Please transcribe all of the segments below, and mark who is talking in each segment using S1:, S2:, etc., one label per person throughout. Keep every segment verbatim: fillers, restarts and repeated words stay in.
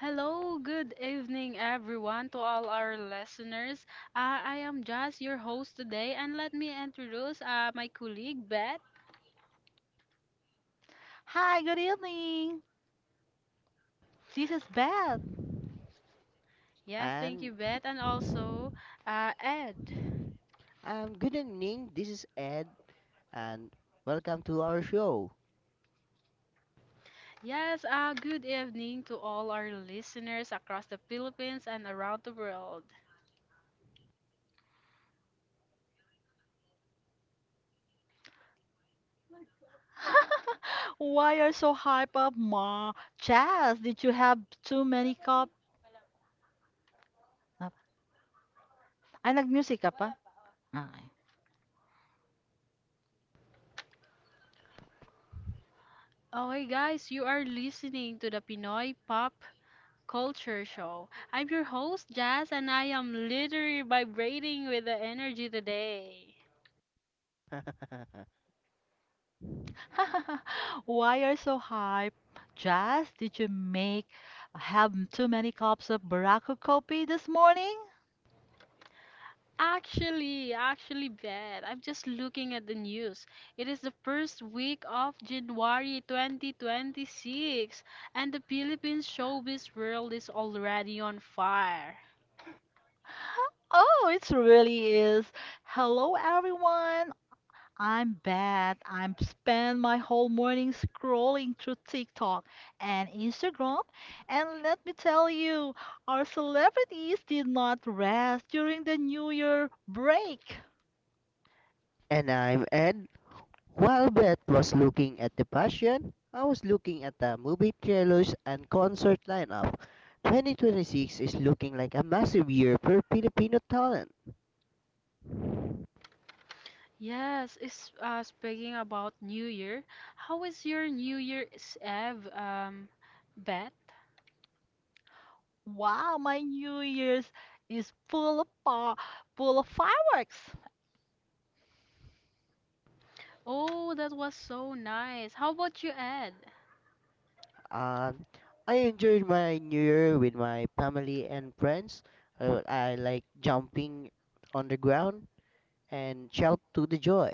S1: Hello, good evening, everyone, to all our listeners. Uh, I am Jazz, your host today, and let me introduce uh, my colleague, Beth.
S2: Hi, good evening. This is Beth.
S1: Yes, thank
S3: And
S1: you, Beth, and also uh, Ed.
S3: um, Good evening, this is Ed, and welcome to our show.
S1: Yes, uh, good evening to all our listeners across the Philippines and around the world.
S2: Why are so hype up, ma? Chaz, did you have too many cup? Ah, Ay, nag-music ka pa? Ay.
S1: Oh, hey guys, you are listening to the Pinoy Pop Culture Show. I'm your host, Jazz, and I am literally vibrating with the energy today.
S2: Why are so hype? Jazz? Did you make have too many cups of Barako coffee this morning?
S1: Actually, actually bad. I'm just looking at the news. It is the first week of January twenty twenty-six, and the Philippines showbiz world is already on fire.
S2: Oh, it really is. Hello, everyone. I'm bad. I'm spend my whole morning scrolling through TikTok and Instagram, and let me tell you, our celebrities did not rest during the New Year break.
S3: And I'm Ed. While Beth was looking at the passion, I was looking at the movie trailers and concert lineup. twenty twenty-six is looking like a massive year for Filipino talent.
S1: Yes, is uh, Speaking about New Year, how is your New Year's Eve, um, Beth?
S2: Wow, my New Year's is full of pa full of fireworks.
S1: Oh, that was so nice. How about you, Ed?
S3: Um, I enjoyed my new year with my family and friends. I, I like jumping on the ground and shout to the joy.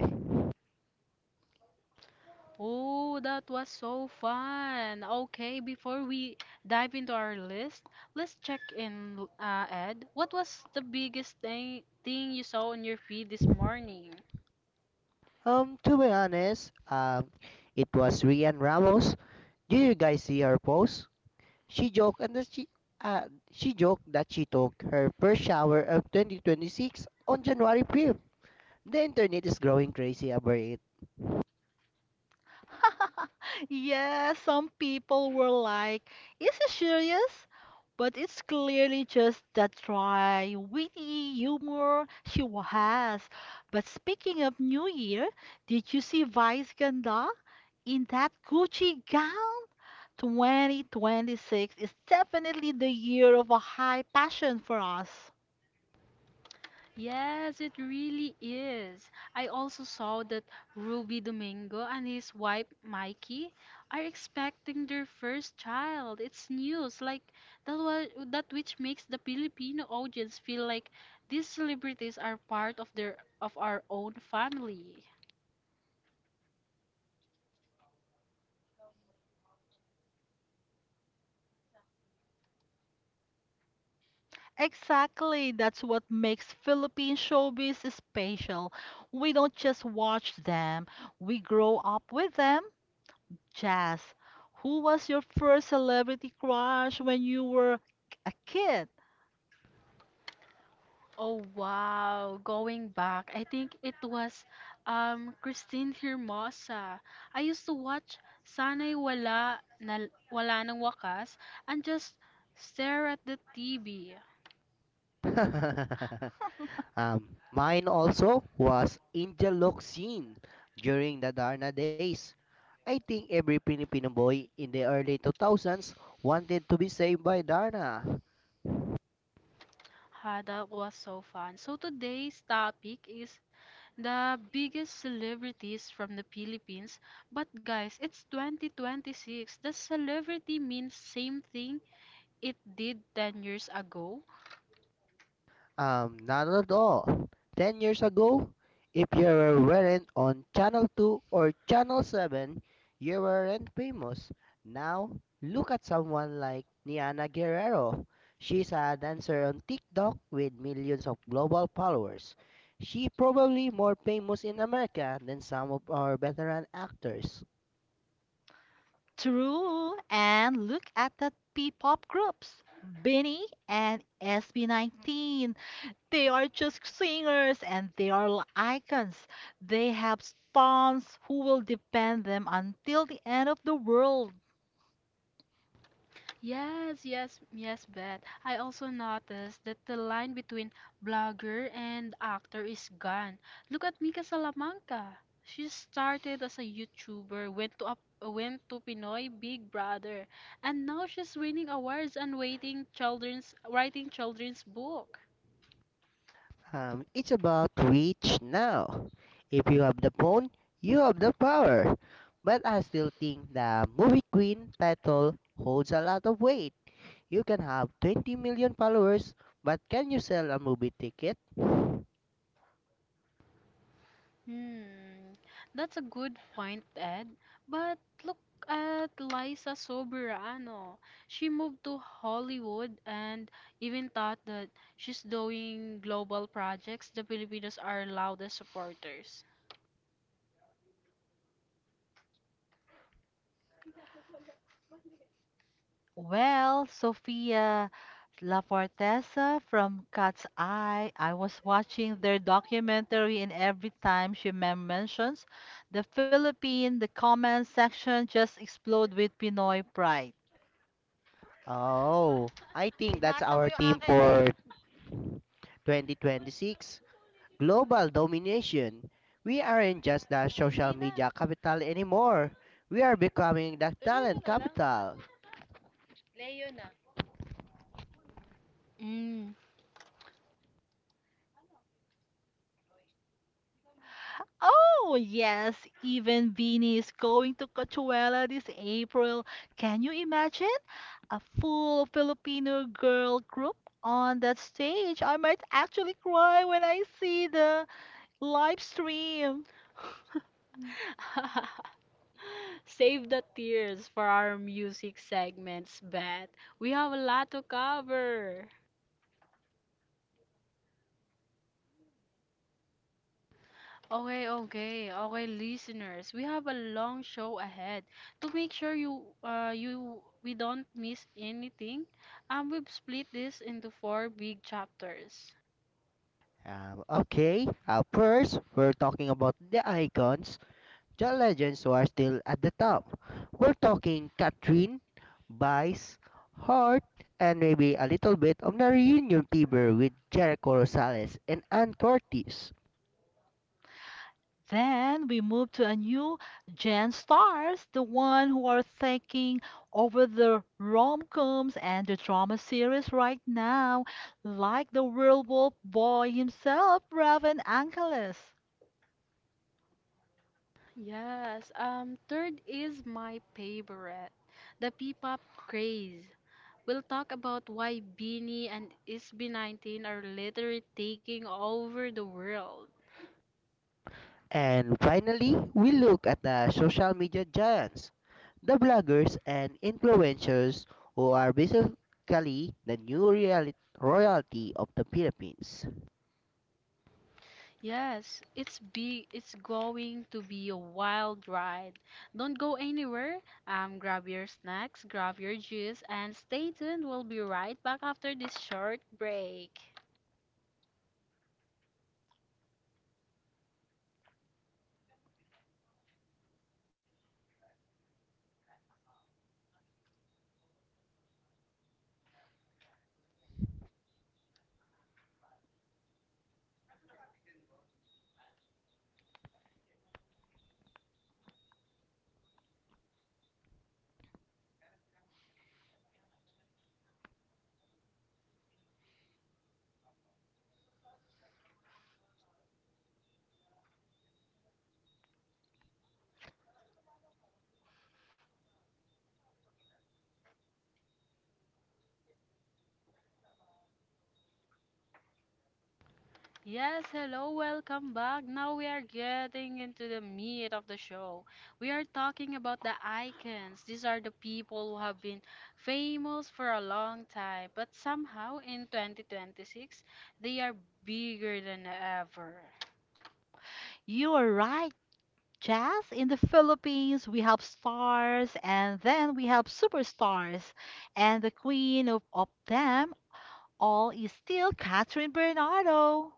S1: Oh, that was so fun. Okay, before we dive into our list, let's check in, uh, Ed. What was the biggest thing thing you saw on your feed this morning?
S3: Um, to be honest, um, it was Rian Ramos. Did you guys see her post? She joked and that she uh, she joked that she took her first shower of twenty twenty-six on January fifth. The internet is growing crazy about it.
S2: Yeah, some people were like, is he serious? But it's clearly just that dry, witty humor she wa- has. But speaking of New Year, did you see Vice Ganda in that Gucci gown? twenty twenty-six is definitely the year of a high passion for us.
S1: Yes, it really is. I also saw that Ruby Domingo and his wife Mikey are expecting their first child. It's news like that was that which makes the Filipino audience feel like these celebrities are part of their of our own family.
S2: Exactly. That's what makes Philippine showbiz special. We don't just watch them, we grow up with them. Jazz, who was your first celebrity crush when you were a kid?
S1: Oh wow, going back, I think it was um Christine Hermosa. I used to watch Sana'y Wala na Wala Nang Wakas and just stare at the T V.
S3: Um, mine also was Angel Locsin during the Darna days. I think every Filipino boy in the early two thousands wanted to be saved by Darna.
S1: Ha, that was so fun. So today's topic is the biggest celebrities from the Philippines. But guys, it's twenty twenty-six. Does celebrity mean same thing it did ten years ago?
S3: Um, not at all. Ten years ago, if you were wearing on Channel two or Channel seven, you weren't famous. Now, look at someone like Niana Guerrero. She's a dancer on TikTok with millions of global followers. She probably more famous in America than some of our veteran actors.
S2: True. And look at the P-pop groups, benny and S B nineteen. They are just singers and they are l- icons. They have fans who will defend them until the end of the world.
S1: Yes, yes, yes, Beth. I also noticed that the line between blogger and actor is gone. Look at Mika Salamanca. She started as a YouTuber, went to a, went to Pinoy Big Brother, and now she's winning awards and waiting children's writing children's book.
S3: Um, it's about reach now. If you have the phone, you have the power. But I still think the movie queen title holds a lot of weight. You can have twenty million followers, but can you sell a movie ticket?
S1: Hmm, that's a good point, Ed. But look at Liza Soberano. She moved to Hollywood and even thought that she's doing global projects. The Filipinos are loudest supporters.
S2: Well, Sofia Lafortesa from Cat's Eye, I was watching their documentary, and every time she men- mentions the Philippines, the comment section just explode with Pinoy pride.
S3: Oh, I think that's our theme for twenty twenty-six Global Domination. We aren't just the social media capital anymore. We are becoming the talent capital.
S1: Mm.
S2: Oh, yes, even Vinny is going to Coachella this April. Can you imagine? A full Filipino girl group on that stage. I might actually cry when I see the live stream.
S1: Save the tears for our music segments, Beth. We have a lot to cover. Okay, okay, okay, listeners. We have a long show ahead. To make sure you uh you we don't miss anything, um we've split this into four big chapters.
S3: Um, okay, uh, first, we're talking about the icons, the legends who are still at the top. We're talking Katrin, Vice, Hart, and maybe a little bit of the reunion fever with Jericho Rosales and Ann Curtis.
S2: Then we move to a new gen stars, the one who are taking over the rom-coms and the drama series right now, like the werewolf boy himself, Raven Angeles.
S1: Yes, um third is my favorite, the P-pop craze. We'll talk about why Beanie and I S B nineteen are literally taking over the world.
S3: And finally, we look at the social media giants, the bloggers and influencers who are basically the new reality royalty of the Philippines.
S1: Yes, it's be it's going to be a wild ride. Don't go anywhere. Um, grab your snacks, grab your juice, and stay tuned. We'll be right back after this short break. Yes, hello, welcome back. Now we are getting into the meat of the show. We are talking about the icons. These are the people who have been famous for a long time, but somehow in twenty twenty-six, they are bigger than ever.
S2: You are right, Jazz. In the Philippines, we have stars and then we have superstars. And the queen of, of them all is still Catherine Bernardo.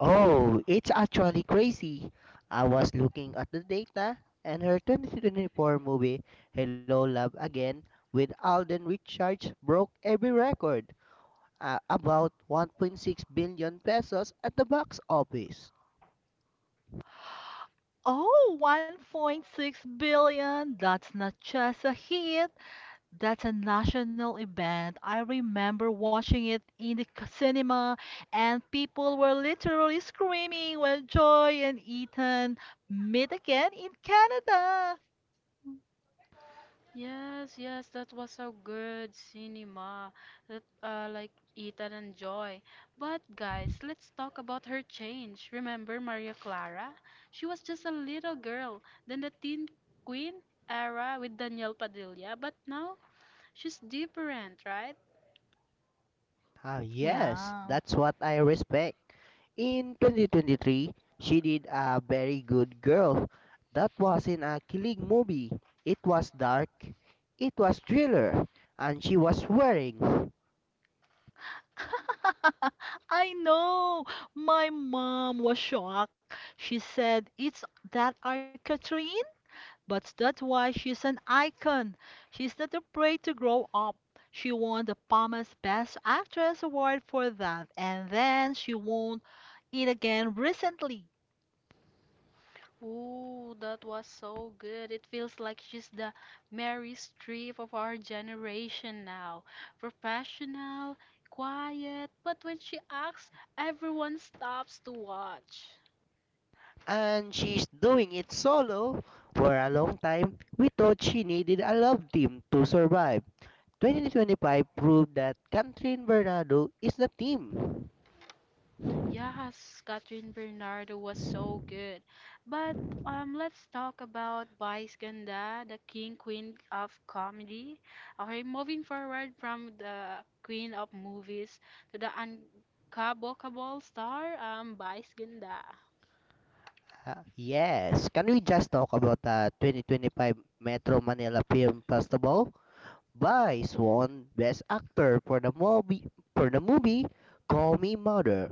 S3: Oh, it's actually crazy. I was looking at the data, and her twenty twenty-four movie, Hello Love Again, with Alden Richards broke every record, uh, about one point six billion pesos at the box office.
S2: Oh, one point six billion. That's not just a hit. That's a national event. I remember watching it in the c- cinema, and people were literally screaming when Joy and Ethan meet again in Canada.
S1: Yes, yes, that was a good cinema that uh, like Ethan and Joy. But guys, let's talk about her change. Remember Maria Clara? She was just a little girl, then the Teen Queen era with Danielle Padilla, but now she's different, right?
S3: Ah, yes,
S2: Yeah.
S3: that's what I respect. In twenty twenty-three, she did a very good girl. That wasn't a killing movie. It was dark. It was thriller, and she was wearing.
S2: I know. My mom was shocked. She said, "It's that our" But that's why she's an icon. She's not afraid to grow up. She won the Palme's Best Actress award for that, and then she won it again recently.
S1: Ooh, that was so good. It feels like she's the Mary Streep of our generation now. Professional, quiet, but when she acts, everyone stops to watch.
S3: And she's doing it solo. For a long time, we thought she needed a love team to survive. twenty twenty-five proved that Catherine Bernardo is the team.
S1: Yes, Catherine Bernardo was so good. But um, let's talk about Vice Ganda, the king queen of comedy. Okay, moving forward from the queen of movies to the uncabokable star, um, Vice Ganda.
S3: Uh, yes, can we just talk about the twenty twenty-five Metro Manila Film Festival? Vice won Best Actor for the movie for the movie Call Me Mother.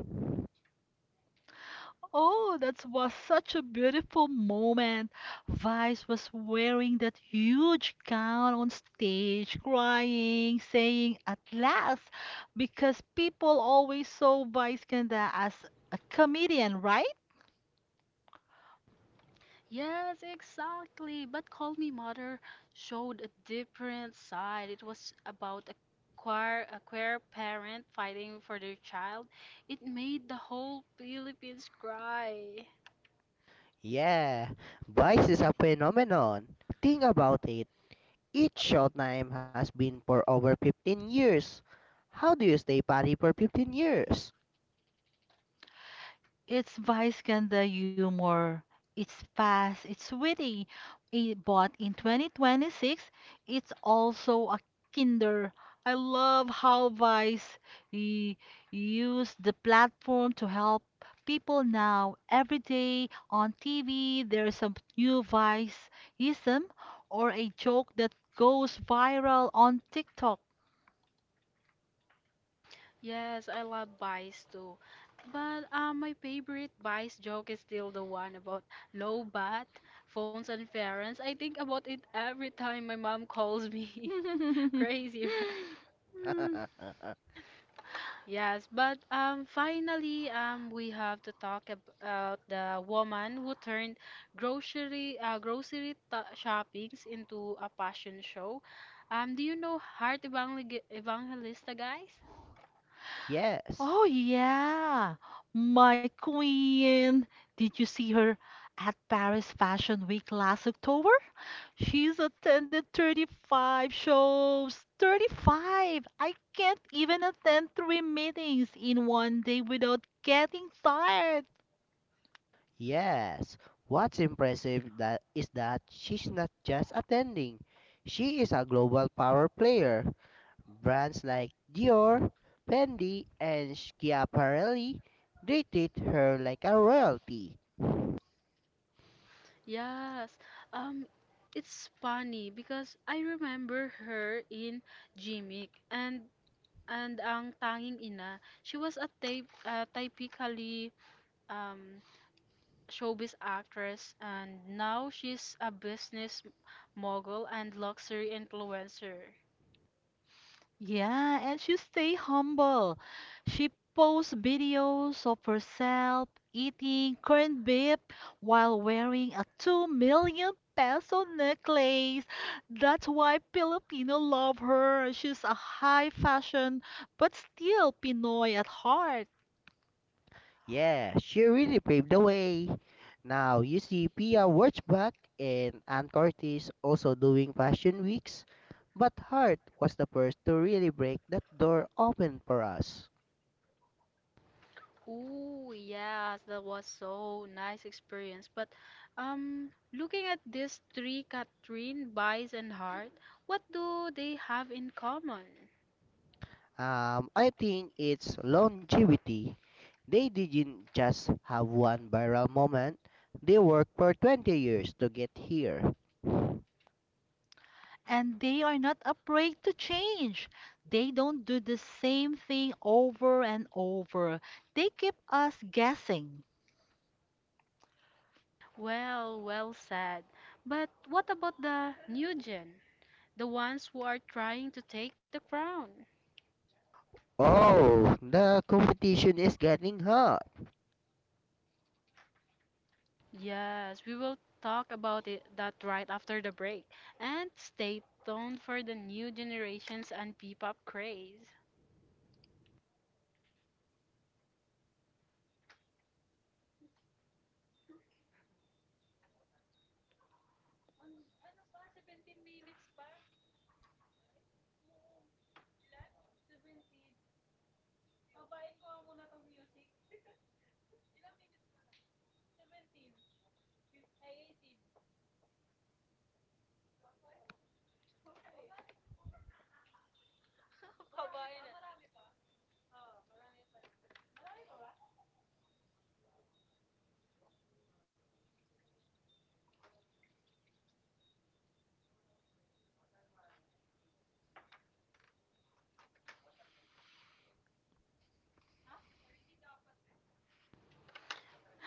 S2: Oh, that was such a beautiful moment. Vice was wearing that huge gown on stage, crying, saying at last, because people always saw Vice Ganda as a comedian, right?
S1: Yes, exactly. But Call Me Mother showed a different side. It was about a queer, a queer parent fighting for their child. It made the whole Philippines cry.
S3: Yeah, Vice is a phenomenon. Think about it. Each show time has been for over fifteen years. How do you stay party for fifteen years?
S2: It's vice ganda humor. It's fast, it's witty. I- but in twenty twenty-six, it's also a kinder. I love how Vice y- used the platform to help people now. Every day on T V, there's a new Viceism or a joke that goes viral on TikTok.
S1: Yes, I love Vice too. But uh, my favorite Vice joke is still the one about low bat, phones and parents. I think about it every time my mom calls me. Crazy, right? Yes, but um, finally, um, we have to talk about the woman who turned grocery uh, grocery ta shoppings into a passion show. Um, do you know Heart Evangel Evangelista, guys?
S3: Yes,
S2: Oh, yeah. My queen. Did you see her at Paris Fashion Week last October? She's attended thirty-five shows. thirty-five! I can't even attend three meetings in one day without getting tired.
S3: yes. What's impressive that is that she's not just attending. She is a global power player. Brands like Dior, Fendi, and Schiaparelli they treat her like a royalty.
S1: Yes. Um, it's funny because I remember her in Jimmick and and ang tanging ina. She was a type uh, typically um showbiz actress, and now she's a business mogul and luxury influencer.
S2: Yeah, and she stay humble. She posts videos of herself eating corned beef while wearing a two million peso necklace. That's why Filipino love her. She's a high fashion, but still Pinoy at heart.
S3: Yeah, she really paved the way. Now you see Pia Wurtzbach and Ann Curtis also doing fashion weeks, but Hart was the first to really break that door open for us.
S1: Ooh, yes, that was so nice experience. But um, looking at these three, Catherine, Bice, and Hart, what do they have in common?
S3: Um, I think it's longevity. They didn't just have one viral moment, they worked for twenty years to get here.
S2: And they are not afraid to change. They don't do the same thing over and over. They keep us guessing.
S1: Well, well said. But what about the new gen? The ones who are trying to take the crown?
S3: Oh, the competition is getting hot.
S1: Yes, we will talk about it that right after the break. And stay tuned for the new generations and P-pop craze.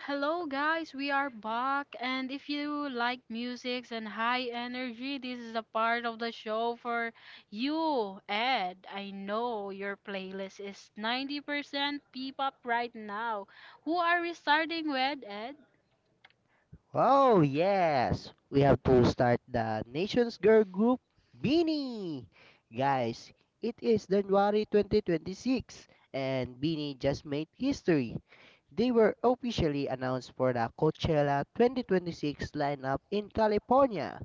S1: Hello guys, we are back and if you like music and high energy, this is a part of the show for you, Ed. I know your playlist is ninety percent P-pop right now. Who are we starting with, Ed?
S3: Oh, yes. We have to start the nation's girl group, Beanie. Guys, it is January twenty twenty-six and Beanie just made history. They were officially announced for the Coachella twenty twenty-six lineup in California.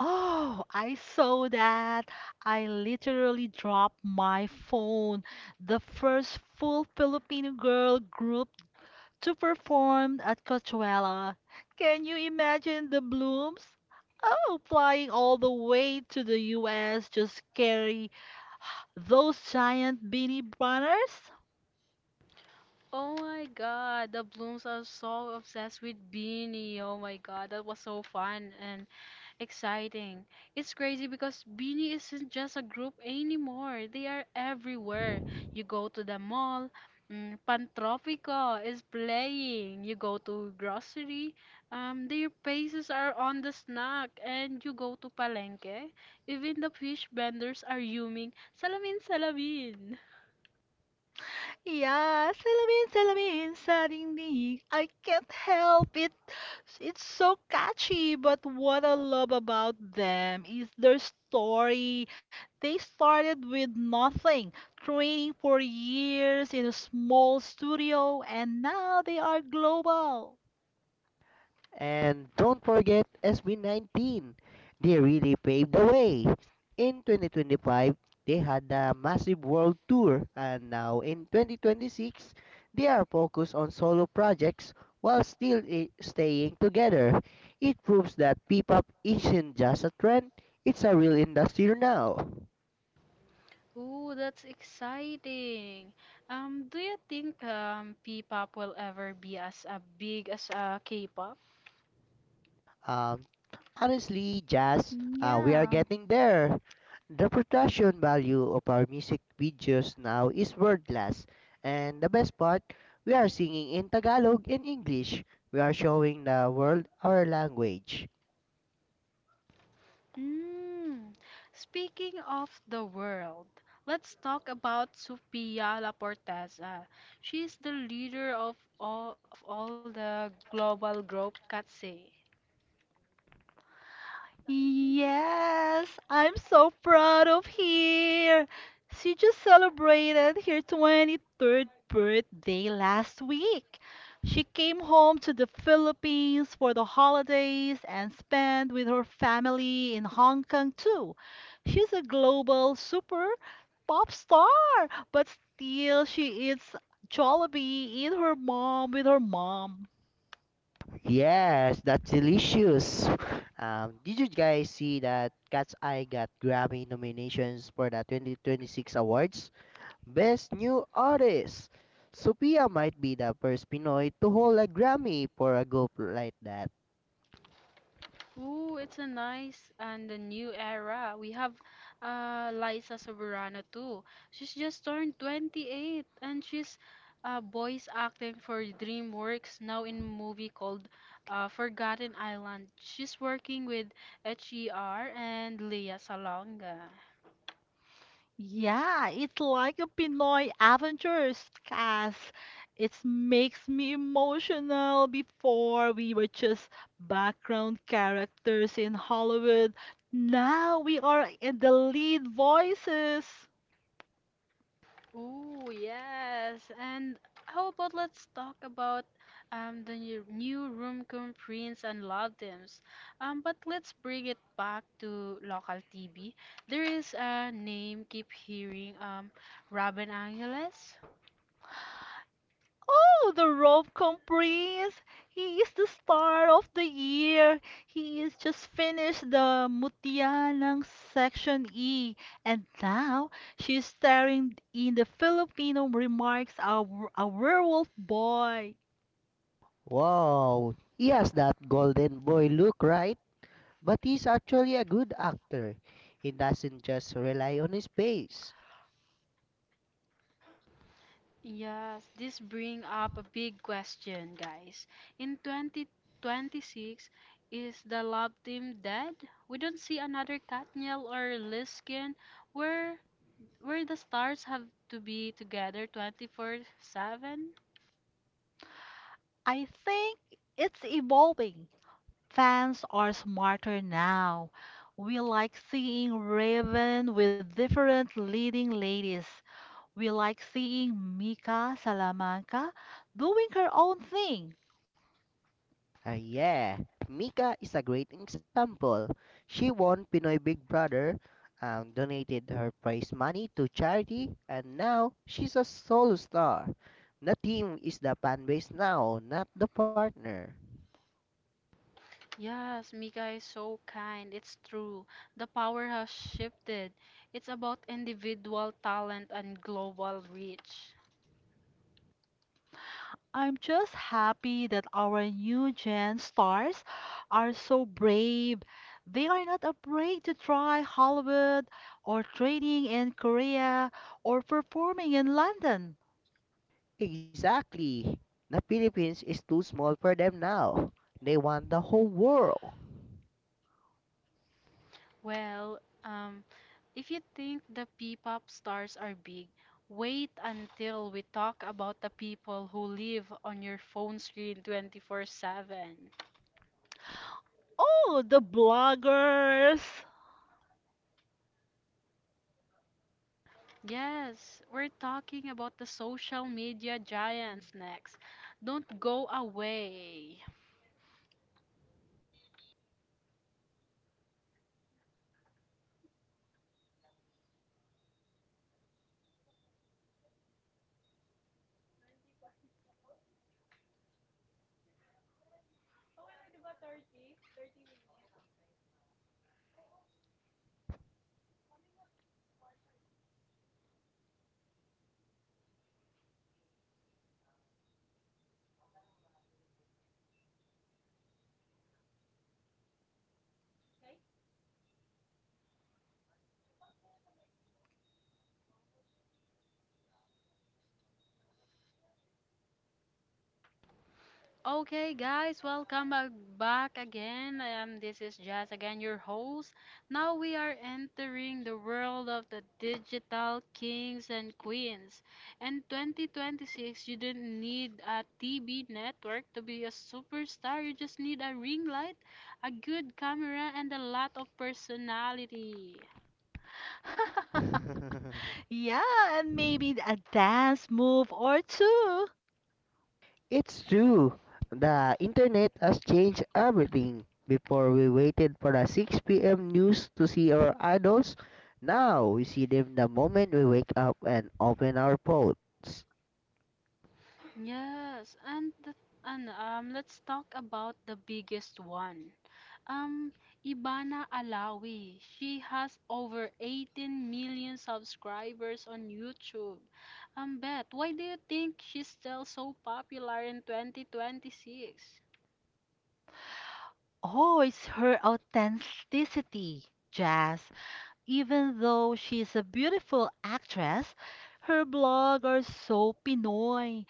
S2: Oh, I saw that. I literally dropped my phone. The first full Filipino girl group to perform at Coachella. Can you imagine the blooms? Oh, flying all the way to the U S just carry those giant beanie banners?
S1: Oh my god, the Blooms are so obsessed with Beanie. Oh my god, that was so fun and exciting. It's crazy because Beanie isn't just a group anymore. They are everywhere. You go to the mall, mm, Pantropico is playing. You go to grocery, um, their faces are on the snack. And you go to Palenque, even the fish vendors are yuming, salamin, salamin.
S2: Yeah, salamin, salamin sa dingding. I can't help it. It's so catchy, but what I love about them is their story. They started with nothing, training for years in a small studio, and now they are global.
S3: And don't forget S B nineteen. They really paved the way. In twenty twenty-five, they had a massive world tour and now in twenty twenty-six, they are focused on solo projects while still i- staying together. It proves that P-pop isn't just a trend, it's a real industry now.
S1: Ooh, that's exciting. Um, do you think um P-pop will ever be as uh, big as uh, K-pop?
S3: Um, honestly, jazz, uh, we are
S2: Yeah.
S3: getting there. The production value of our music videos now is world class. And the best part, we are singing in Tagalog and English. We are showing the world our language.
S1: Mm. Speaking of the world, let's talk about Sophia Laporteza. She is the leader of all of all the global group Katsay.
S2: Yes, I'm so proud of her. She just celebrated her twenty-third birthday last week. She came home to the Philippines for the holidays and spent with her family in Hong Kong too. She's a global super pop star, but still she eats Jollibee in her mom with her mom.
S3: Yes, that's delicious. Um, did you guys see that Cat's Eye got Grammy nominations for the twenty twenty-six awards? Best New Artist. Sophia might be the first Pinoy to hold a Grammy for a group like that.
S1: Ooh, it's a nice and a new era. We have uh Liza Soberano too. She's just turned twenty-eight and she's uh voice acting for DreamWorks now in a movie called uh Forgotten Island. She's working with H E R and Lea Salonga.
S2: Yeah, it's like a Pinoy Avengers cast. It makes me emotional. Before we were just background characters in Hollywood. Now we are in the lead voices.
S1: Ooh, yes. And how about let's talk about um the new, new Roomcom prints and love themes. Um, but let's bring it back to local T V. There is a name keep hearing um Robin Angeles.
S2: Oh, the Robcom Prince! He is the star of the year. He is just finished the Mutianang Section E, and now she is starring in the Filipino Remarks of A Werewolf Boy.
S3: Wow, he has that golden boy look, right? But he's actually a good actor. He doesn't just rely on his face.
S1: Yes, this bring up a big question, guys. In twenty twenty-six, is the love team dead? We don't see another Katniel or Liskin. Where where the stars have to be together twenty-four seven?
S2: I think it's evolving. Fans are smarter now. We like seeing Raven with different leading ladies. We like seeing Mika Salamanca doing her own thing.
S3: And yeah, Mika is a great example. She won Pinoy Big Brother and donated her prize money to charity, and now she's a solo star. The team is the fan base now, not the partner.
S1: Yes, Mika is so kind. It's true. The power has shifted. It's about individual talent and global reach.
S2: I'm just happy that our new gen stars are so brave. They are not afraid to try Hollywood or training in Korea or performing in London.
S3: Exactly. The Philippines is too small for them now. They want the whole world.
S1: Well, um, if you think the P-pop stars are big, wait until we talk about the people who live on your phone screen twenty-four seven.
S2: Oh, the bloggers!
S1: Yes, we're talking about the social media giants next. Don't go away. Okay, guys, welcome back, back again. Um, this is Jazz again, your host. Now we are entering the world of the digital kings and queens. In twenty twenty-six, you don't need a T V network to be a superstar. You just need a ring light, a good camera, and a lot of personality.
S2: Yeah, and maybe a dance move or two.
S3: It's true. The internet has changed everything. Before we waited for the six p m news to see our idols, now we see them the moment we wake up and open our phones.
S1: Yes, and the, and um, Let's talk about the biggest one. Um, Ibana Alawi. She has over eighteen million subscribers on YouTube. Um, Beth, why do you think she's still so popular in twenty twenty-six?
S2: Oh, it's her authenticity, Jazz. Even though she's a beautiful actress, her blog are so Pinoy.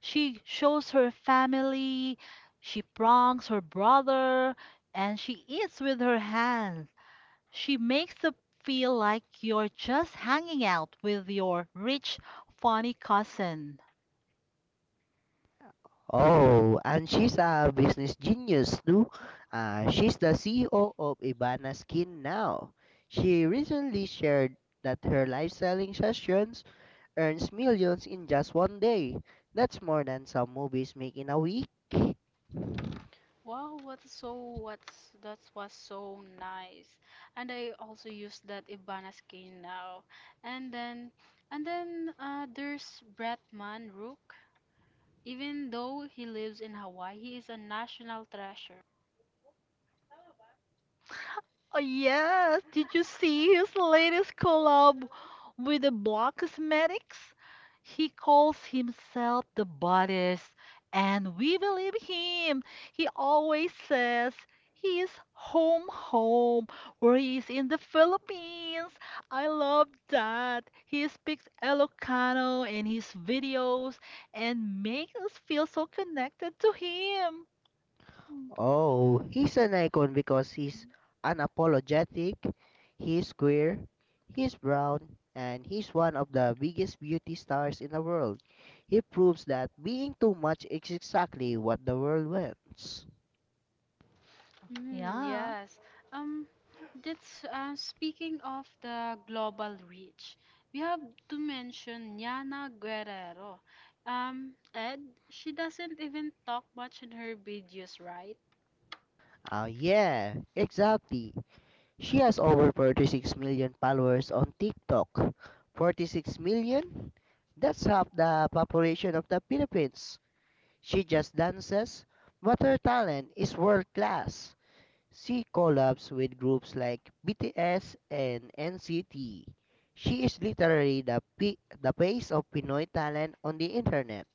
S2: She shows her family, she pranks her brother, and she eats with her hands. She makes it feel like you're just hanging out with your rich, funny cousin.
S3: Oh, and she's a business genius too. Uh, she's the C E O of Ibana Skin now. She recently shared that her live selling sessions earns millions in just one day. That's more than some movies make in a week.
S1: Wow, what's so what's that was so nice. And I also use that Ibana skin now. And then and then uh, There's Bretman Rook. Even though he lives in Hawaii, he is a national treasure.
S2: Oh, yes, did you see his latest collab with the Block Cosmetics? He calls himself the boddest, and we believe him. He always says he is home, home, where he is in the Philippines. I love that. He speaks Ilocano in his videos and makes us feel so connected to him. Mm.
S3: Oh, he's an icon because he's unapologetic, he's queer, he's brown, and he's one of the biggest beauty stars in the world. He proves that being too much is exactly what the world wants.
S1: Mm,
S2: Yeah.
S1: yes. Um, that's uh, Speaking of the global reach. We have to mention Yana Guerrero. Um, Ed, she doesn't even talk much in her videos, right?
S3: Ah, yeah, exactly. She has over forty-six million followers on TikTok. forty-six million? That's half the population of the Philippines. She just dances, but her talent is world class. She collabs with groups like B T S and N C T. She is literally the P- the face of Pinoy talent on the internet.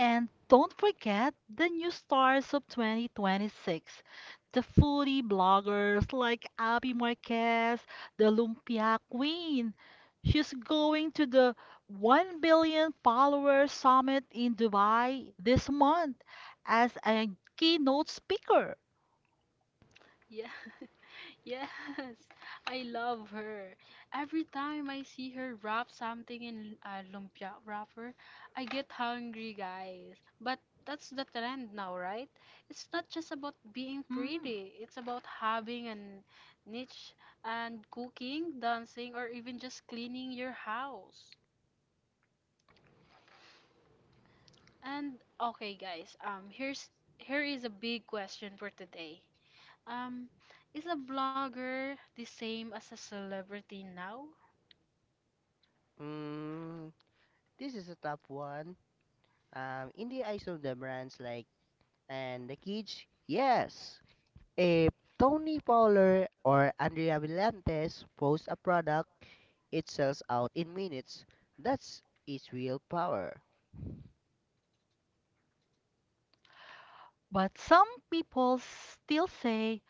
S2: And don't forget the new stars of twenty twenty-six. The foodie bloggers like Abby Marquez, the Lumpia Queen. She's going to the one billion follower summit in Dubai this month as a keynote speaker.
S1: Yeah. Yes, I love her. Every time I see her wrap something in a lumpia wrapper, I get hungry, guys. But that's the trend now, right? It's not just about being
S2: Hmm.
S1: pretty. It's about having a niche and cooking, dancing, or even just cleaning your house. And okay, guys, um here's here is a big question for today. Um, is a blogger the same as a celebrity now?
S3: Mm, this is a top one. Um, in the eyes of the brands like and the kids, yes. If Tony Fowler or Andrea Villantes posts a product, it sells out in minutes. That's its real power.
S2: But some people still say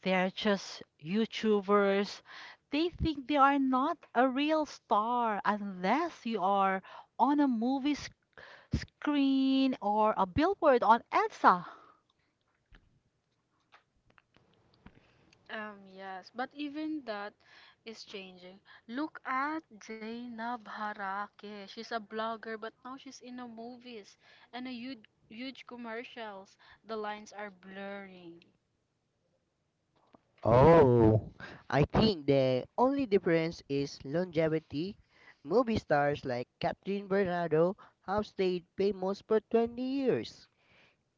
S2: they're just YouTubers. They think they are not a real star unless you are on a movie sc- screen or a billboard on E D S A.
S1: Um, yes, but even that is changing. Look at Zainab Harake. She's a blogger, but now she's in a movies and a huge, huge commercials. The lines are blurring.
S3: Oh, I think the only difference is longevity. Movie stars like Catherine Bernardo have stayed famous for twenty years.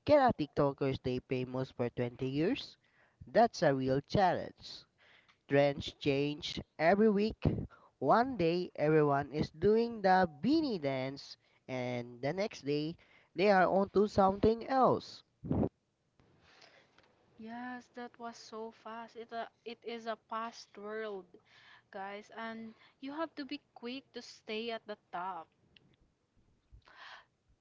S3: Can a TikToker stay famous for twenty years? That's a real challenge. Trends change every week. One day everyone is doing the beanie dance, and the next day they are onto something else.
S1: Yes, that was so fast. It a, it is a fast world, guys, and you have to be quick to stay at the top.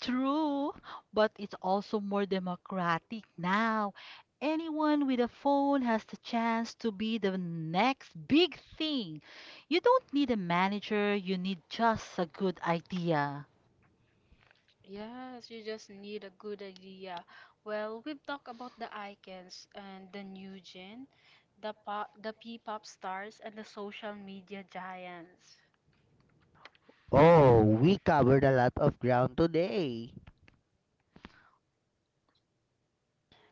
S2: True, but it's also more democratic now. Anyone with a phone has the chance to be the next big thing. You don't need a manager, you need just a good idea.
S1: Yes, you just need a good idea. Well, we've talked about the icons and the new gen, the pop, the P-pop stars, and the social media giants.
S3: Oh, we covered a lot of ground today.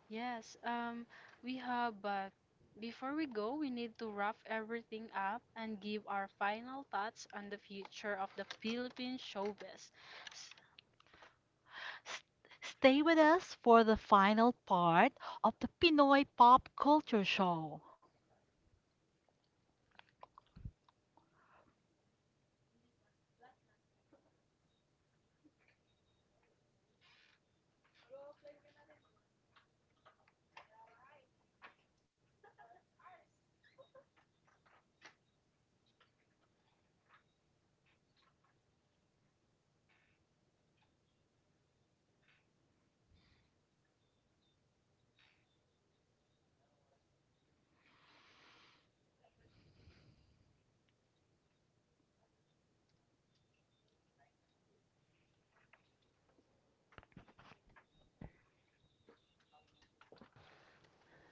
S1: Yes, um, we have, but before we go, we need to wrap everything up and give our final thoughts on the future of the Philippine showbiz.
S2: S- Stay with us for the final part of the Pinoy Pop Culture Show.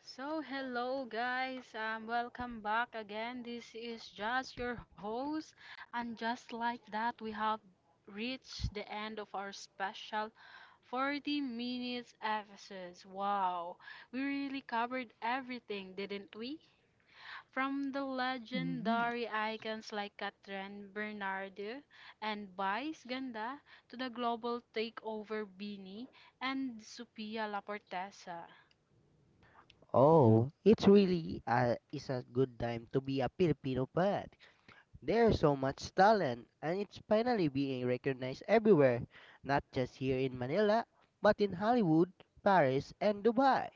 S1: So, hello guys, um, welcome back again. This is just your host, and just like that, we have reached the end of our special forty minutes episodes. Wow, we really covered everything, didn't we? From the
S2: Mhm.
S1: legendary icons like Catherine Bernardo and Vice Ganda to the global takeover Bini and Sophia Laportesa.
S3: Oh, it's really a, is a good time to be a Filipino poet. There's so much talent, and it's finally being recognized everywhere, not just here in Manila, but in Hollywood, Paris, and Dubai.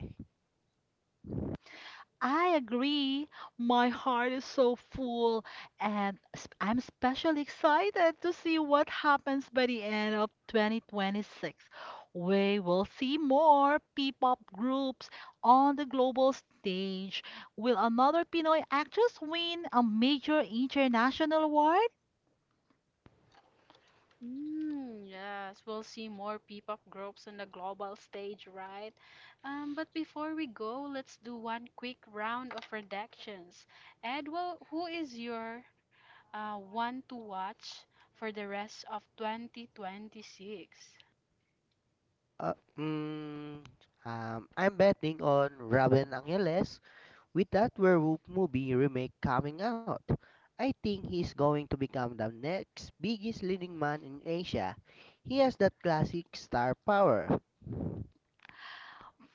S2: I agree. My heart is so full, and s- I'm especially excited to see what happens by the end of twenty twenty-six. We will see more P-pop groups on the global stage. Will another Pinoy actress win a major international award?
S1: Mm, yes, we'll see more P-pop groups on the global stage, right? Um, but before we go, let's do one quick round of predictions. Ed, well, who is your uh, one to watch for the rest of twenty twenty-six?
S3: Uh, mm, um, I'm betting on Robin Angeles with that werewolf movie remake coming out. I think he's going to become the next biggest leading man in Asia. He has that classic star power.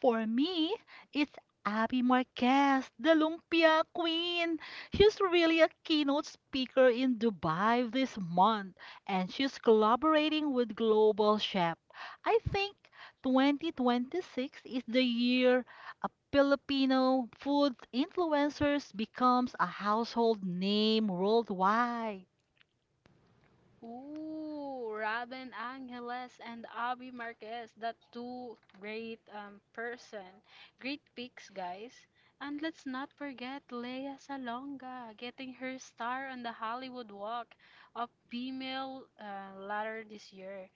S2: For me, it's Abby Marquez, the Lumpia Queen. She's really a keynote speaker in Dubai this month, and she's collaborating with Global Chef. I think twenty twenty-six is the year a Filipino food influencers becomes a household name worldwide.
S1: Ooh, Robin Angeles and Abby Marquez, the two great um person, great picks, guys. And let's not forget Lea Salonga getting her star on the Hollywood Walk of Female uh, ladder this year.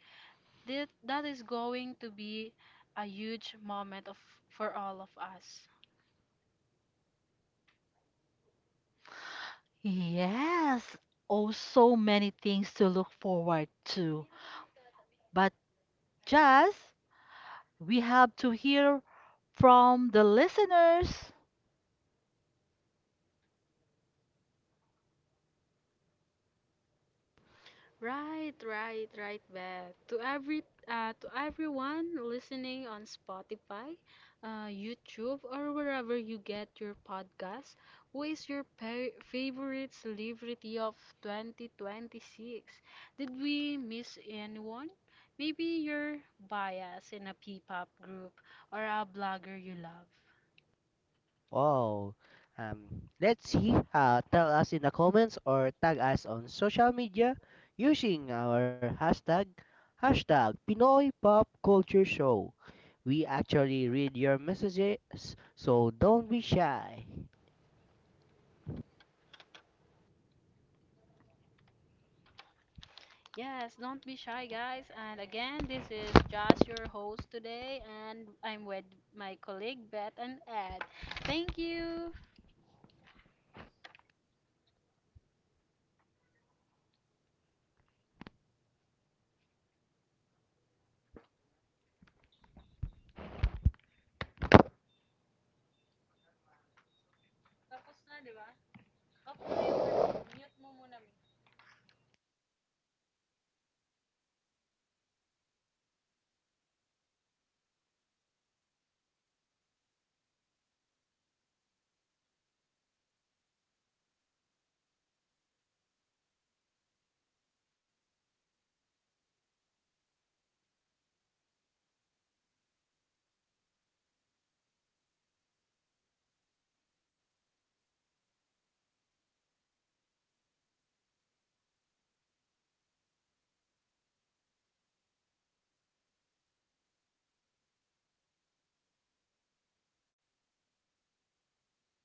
S1: That that is going to be a huge moment of for all of us.
S2: Yes, oh, so many things to look forward to. But just We have to hear from the listeners.
S1: Right, right, right, Beth. To every uh, to everyone listening on Spotify, uh, YouTube, or wherever you get your podcast, who is your pa- favorite celebrity of twenty twenty-six? Did we miss anyone? Maybe you're biased in a P-pop group or a blogger you love.
S3: Wow. Um, let's see. Uh, tell us in the comments or tag us on social media using our hashtag hashtag Pinoy Pop Culture Show. We actually read your messages, so don't be shy.
S1: Yes, don't be shy, guys. And again, this is Josh, your host today, and I'm with my colleague Beth and Ed. Thank you.